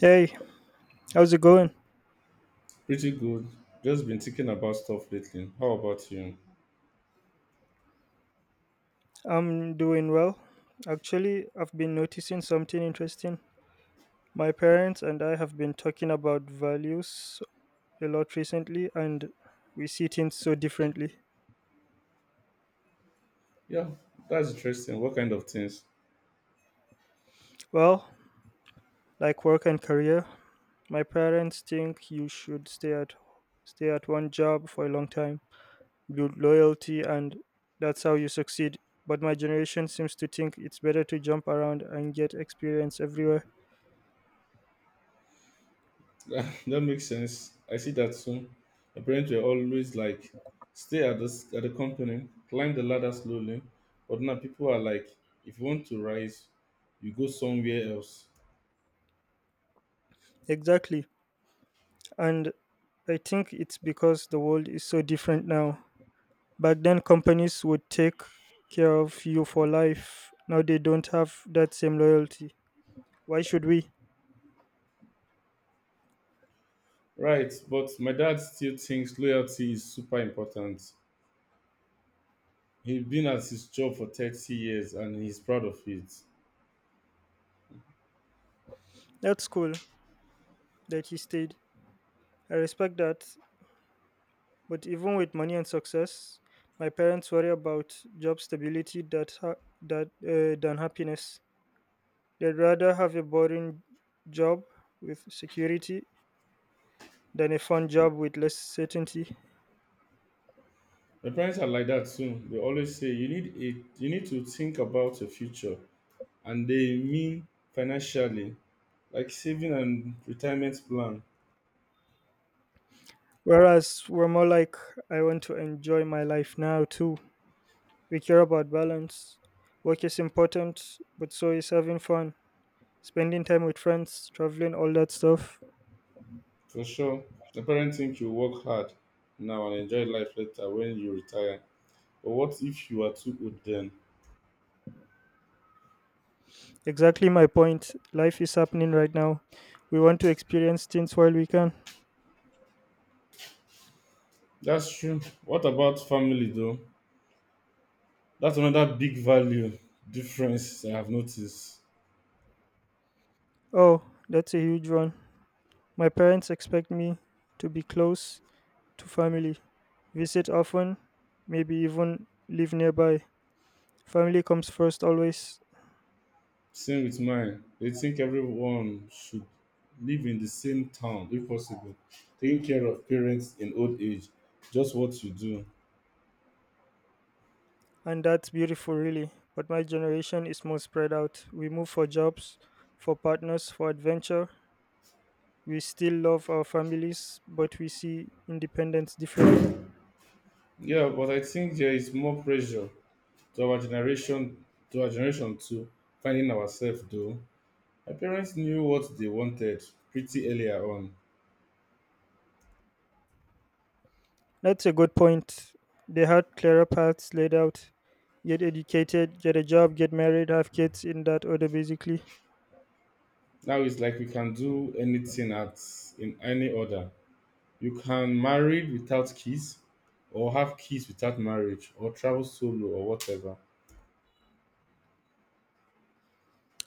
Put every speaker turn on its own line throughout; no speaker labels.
Hey, how's it going?
Pretty good. Just been thinking about stuff lately. How about you?
I'm doing well. Actually, I've been noticing something interesting. My parents and I have been talking about values a lot recently, and we see things so differently.
Yeah, that's interesting. What kind of things?
Well, like work and career, my parents think you should stay at one job for a long time, build loyalty, and that's how you succeed. But my generation seems to think it's better to jump around and get experience everywhere.
that makes sense. I see that soon. My parents were always like, stay at this at the company, climb the ladder slowly. But now people are like, if you want to rise, you go somewhere else.
Exactly. And I think it's because the world is so different now. Back then, companies would take care of you for life. Now they don't have that same loyalty. Why should we?
Right, but my dad still thinks loyalty is super important. He's been at his job for 30 years and he's proud of it.
That's cool that he stayed. I respect that. But even with money and success, my parents worry about job stability that ha- that than happiness. They'd rather have a boring job with security than a fun job with less certainty.
My parents are like that too. They always say you need to think about your future, and they mean financially, like saving and retirement plan
Whereas we're more like, I want to enjoy my life now too. We care about balance. Work is important, but so is having fun, spending time with friends, traveling, all that stuff.
for sure. My parents think you work hard now and enjoy life later when you retire. But what if you are too old then?
Exactly my point. Life is happening right now. We want to experience things while we can.
That's true. What about family though? That's another big value difference I have noticed.
Oh, that's a huge one. My parents expect me to be close to family, visit often, maybe even live nearby. Family comes first always.
Same with mine. They think everyone should live in the same town if possible, taking care of parents in old age, just what you do.
And that's beautiful, really. But my generation is more spread out. We move for jobs, for partners, for adventure. We still love our families, but we see independence differently.
Yeah, but I think there is more pressure to our generation, to our generation too, finding ourselves though. My parents knew what they wanted pretty earlier on.
That's a good point. They had clearer paths laid out. Get educated, get a job, get married, have kids in that order, basically.
Now it's like we can do anything at in any order. You can marry without kids, or have kids without marriage, or travel solo, or whatever.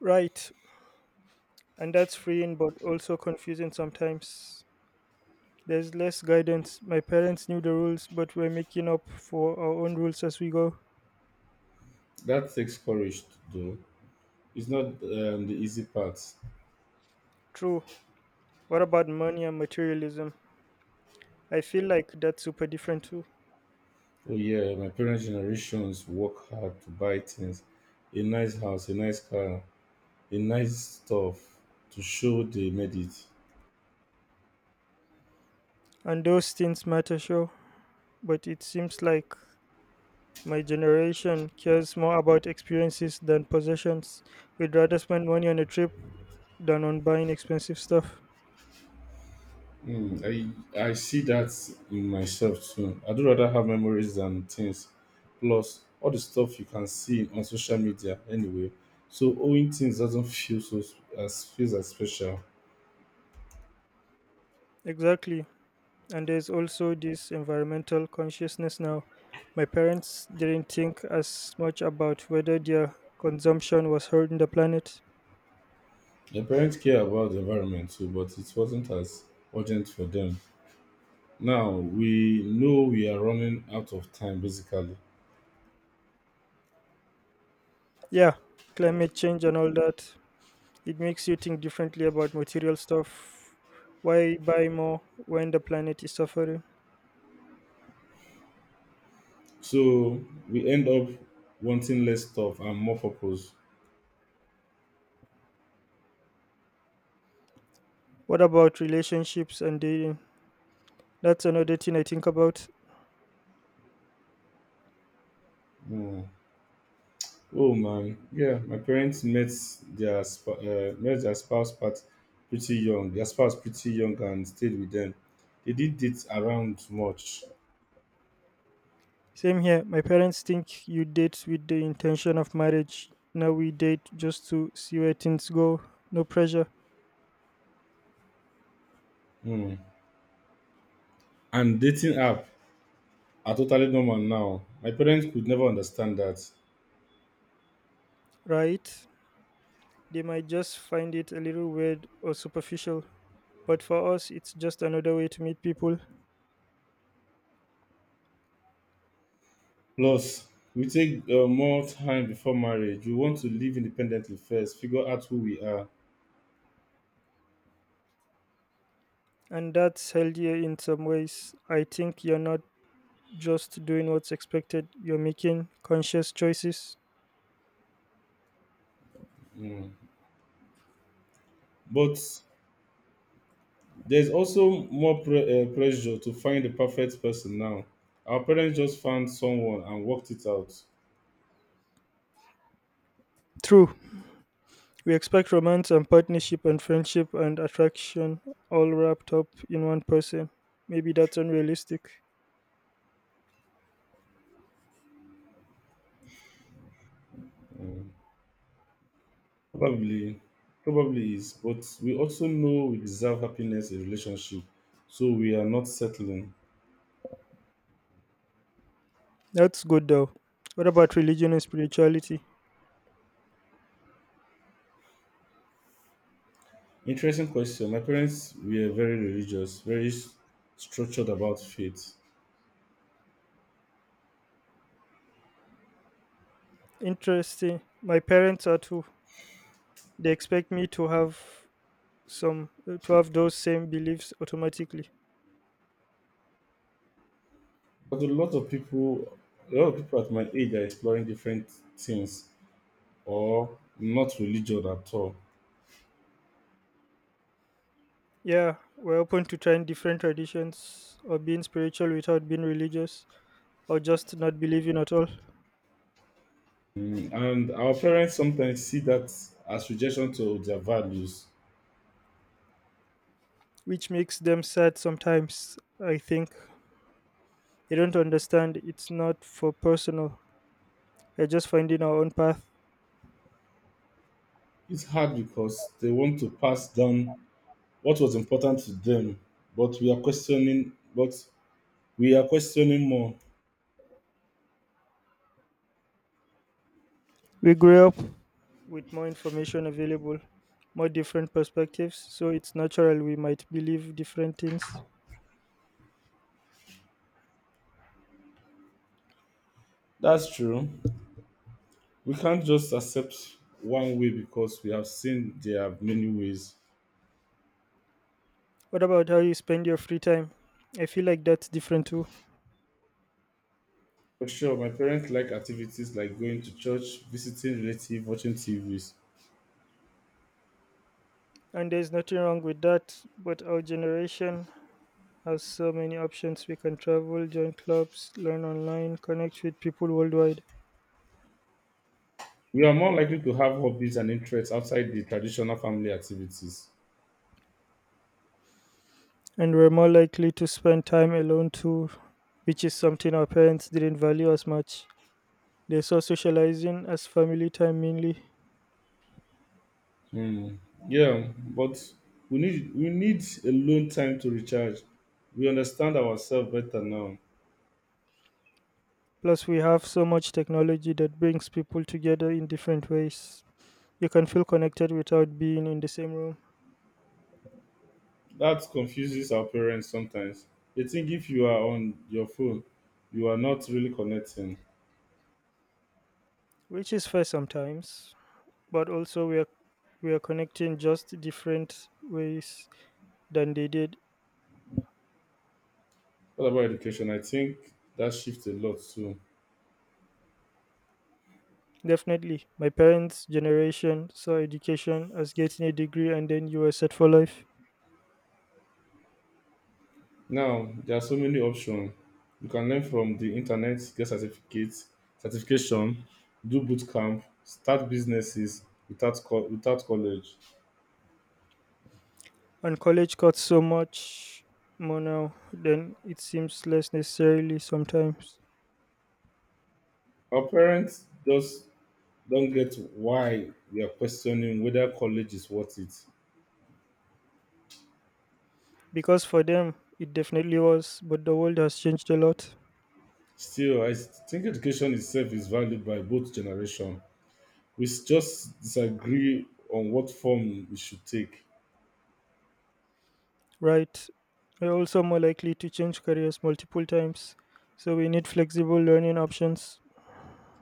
Right. And that's freeing, but also confusing sometimes. There's less guidance. My parents knew the rules, but we're making up for our own rules as we go.
That takes courage to do. It's not the easy part.
True. What about money and materialism? I feel like that's super different too.
Oh yeah, my parents' generations work hard to buy things, a nice house, a nice car, a nice stuff to show they made it.
And those things matter, sure, but it seems like my generation cares more about experiences than possessions. We'd rather spend money on a trip than on buying expensive stuff.
Hmm, I see that in myself too. I do rather have memories than things. Plus, all the stuff you can see on social media anyway. So owning things doesn't feel as feels as special.
Exactly. And there's also this environmental consciousness now. My parents didn't think as much about whether their consumption was hurting the planet.
The parents care about the environment too, but it wasn't as urgent for them. Now we know we are running out of time basically.
Yeah, climate change and all that. It makes you think differently about material stuff. Why buy more when the planet is suffering?
So we end up wanting less stuff and more purpose.
What about relationships and dating? That's another thing I think about.
Mm. Oh man, yeah, my parents met their sp- met their spouse part pretty young. Their spouse pretty young and stayed with them. They did date around much.
Same here. My parents think you date with the intention of marriage. Now we date just to see where things go. No pressure,
Mm. And dating app are totally normal now. My parents could never understand that.
right? They might just find it a little weird or superficial. But for us, it's just another way to meet people.
Plus, we take more time before marriage. We want to live independently first, figure out who we are.
And that's healthier in some ways. I think you're not just doing what's expected, you're making conscious choices.
Mm. But there's also more pressure to find the perfect person now. Our parents just found someone and worked it out.
True, we expect romance and partnership and friendship and attraction all wrapped up in one person. Maybe that's unrealistic.
Mm. Probably, probably is. But we also know we deserve happiness in relationship, so we are not settling.
That's good though. What about religion and spirituality?
Interesting question. My parents were very religious, structured about faith.
Interesting. My parents are too. They expect me to have some those same beliefs automatically.
But a lot of people at my age are exploring different things or not religion at all.
Yeah, we're open to trying different traditions or being spiritual without being religious or just not believing at all.
And our parents sometimes see that as rejection to their values.
Which makes them sad sometimes. I think they don't understand it's not for personal. We're just finding our own path.
It's hard because they want to pass down what was important to them, but we are questioning more.
We grew up with more information available, more different perspectives, so it's natural we might believe different things.
That's true. We can't just accept one way because we have seen there are many ways.
What about how you spend your free time? I feel like that's different too.
For sure, my parents like activities like going to church, visiting relatives, watching TVs.
And there's nothing wrong with that, but our generation has so many options. We can travel, join clubs, learn online, connect with people worldwide.
We are more likely to have hobbies and interests outside the traditional family activities.
And were more likely to spend time alone too, which is something our parents didn't value as much. They saw socializing as family time mainly.
Hmm. Yeah, but we need alone time to recharge. We understand ourselves better now.
Plus, we have so much technology that brings people together in different ways. You can feel connected without being in the same room,
That confuses our parents sometimes. They think if you are on your phone, you are not really connecting.
which is fair sometimes, but also we are connecting just different ways than they did.
What about education? I think that shifts a lot too.
Definitely, my parents' generation saw education as getting a degree and then you were set for life.
Now there are so many options. You can learn from the internet, get certification, do boot camp, start businesses without without college.
And college costs so much more now than it seems less necessarily sometimes.
Our parents just don't get why we are questioning whether college is worth it.
Because for them, it definitely was, but the world has changed a lot,
Still, I think education itself is valued by both generations. We just disagree on what form we should take.
right? We're also more likely to change careers multiple times, so we need flexible learning options.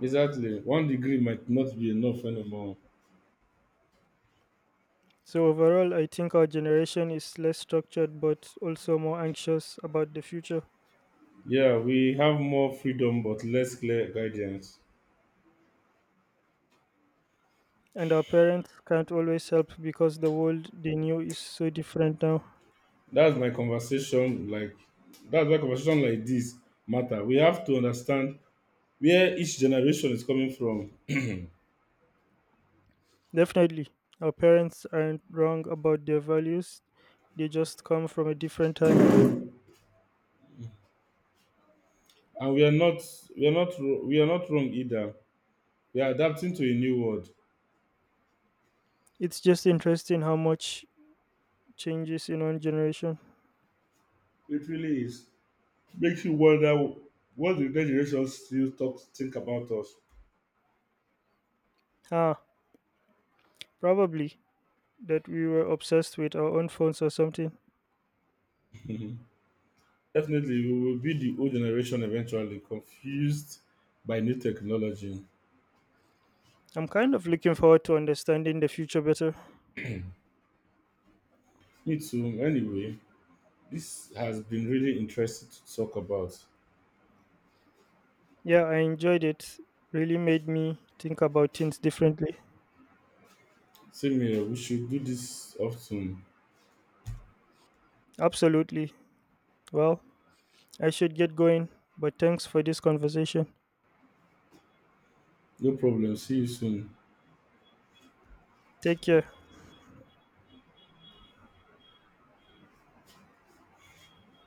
Exactly, one degree might not be enough anymore.
So, overall, I think our generation is less structured but also more anxious about the future.
Yeah, we have more freedom but less clear guidance.
And our parents can't always help because the world they knew is so different now.
That's my conversation like that's why conversation like this matter. We have to understand where each generation is coming from.
Definitely, our parents aren't wrong about their values, they just come from a different time.
And we are not wrong either. We are adapting to a new world.
It's just interesting how much changes in one generation.
It really is. Makes you wonder what the next generation still talk think about us.
Ah, probably that we were obsessed with our own phones or something.
Definitely we will be the old generation eventually, confused by new technology.
I'm kind of looking forward to understanding the future better.
Me too, anyway. This has been really interesting to talk about.
Yeah, I enjoyed it. Really made me think about things differently.
Same here, we should do this often.
Absolutely. Well, I should get going, but thanks for this conversation.
No problem. See you soon.
Take care.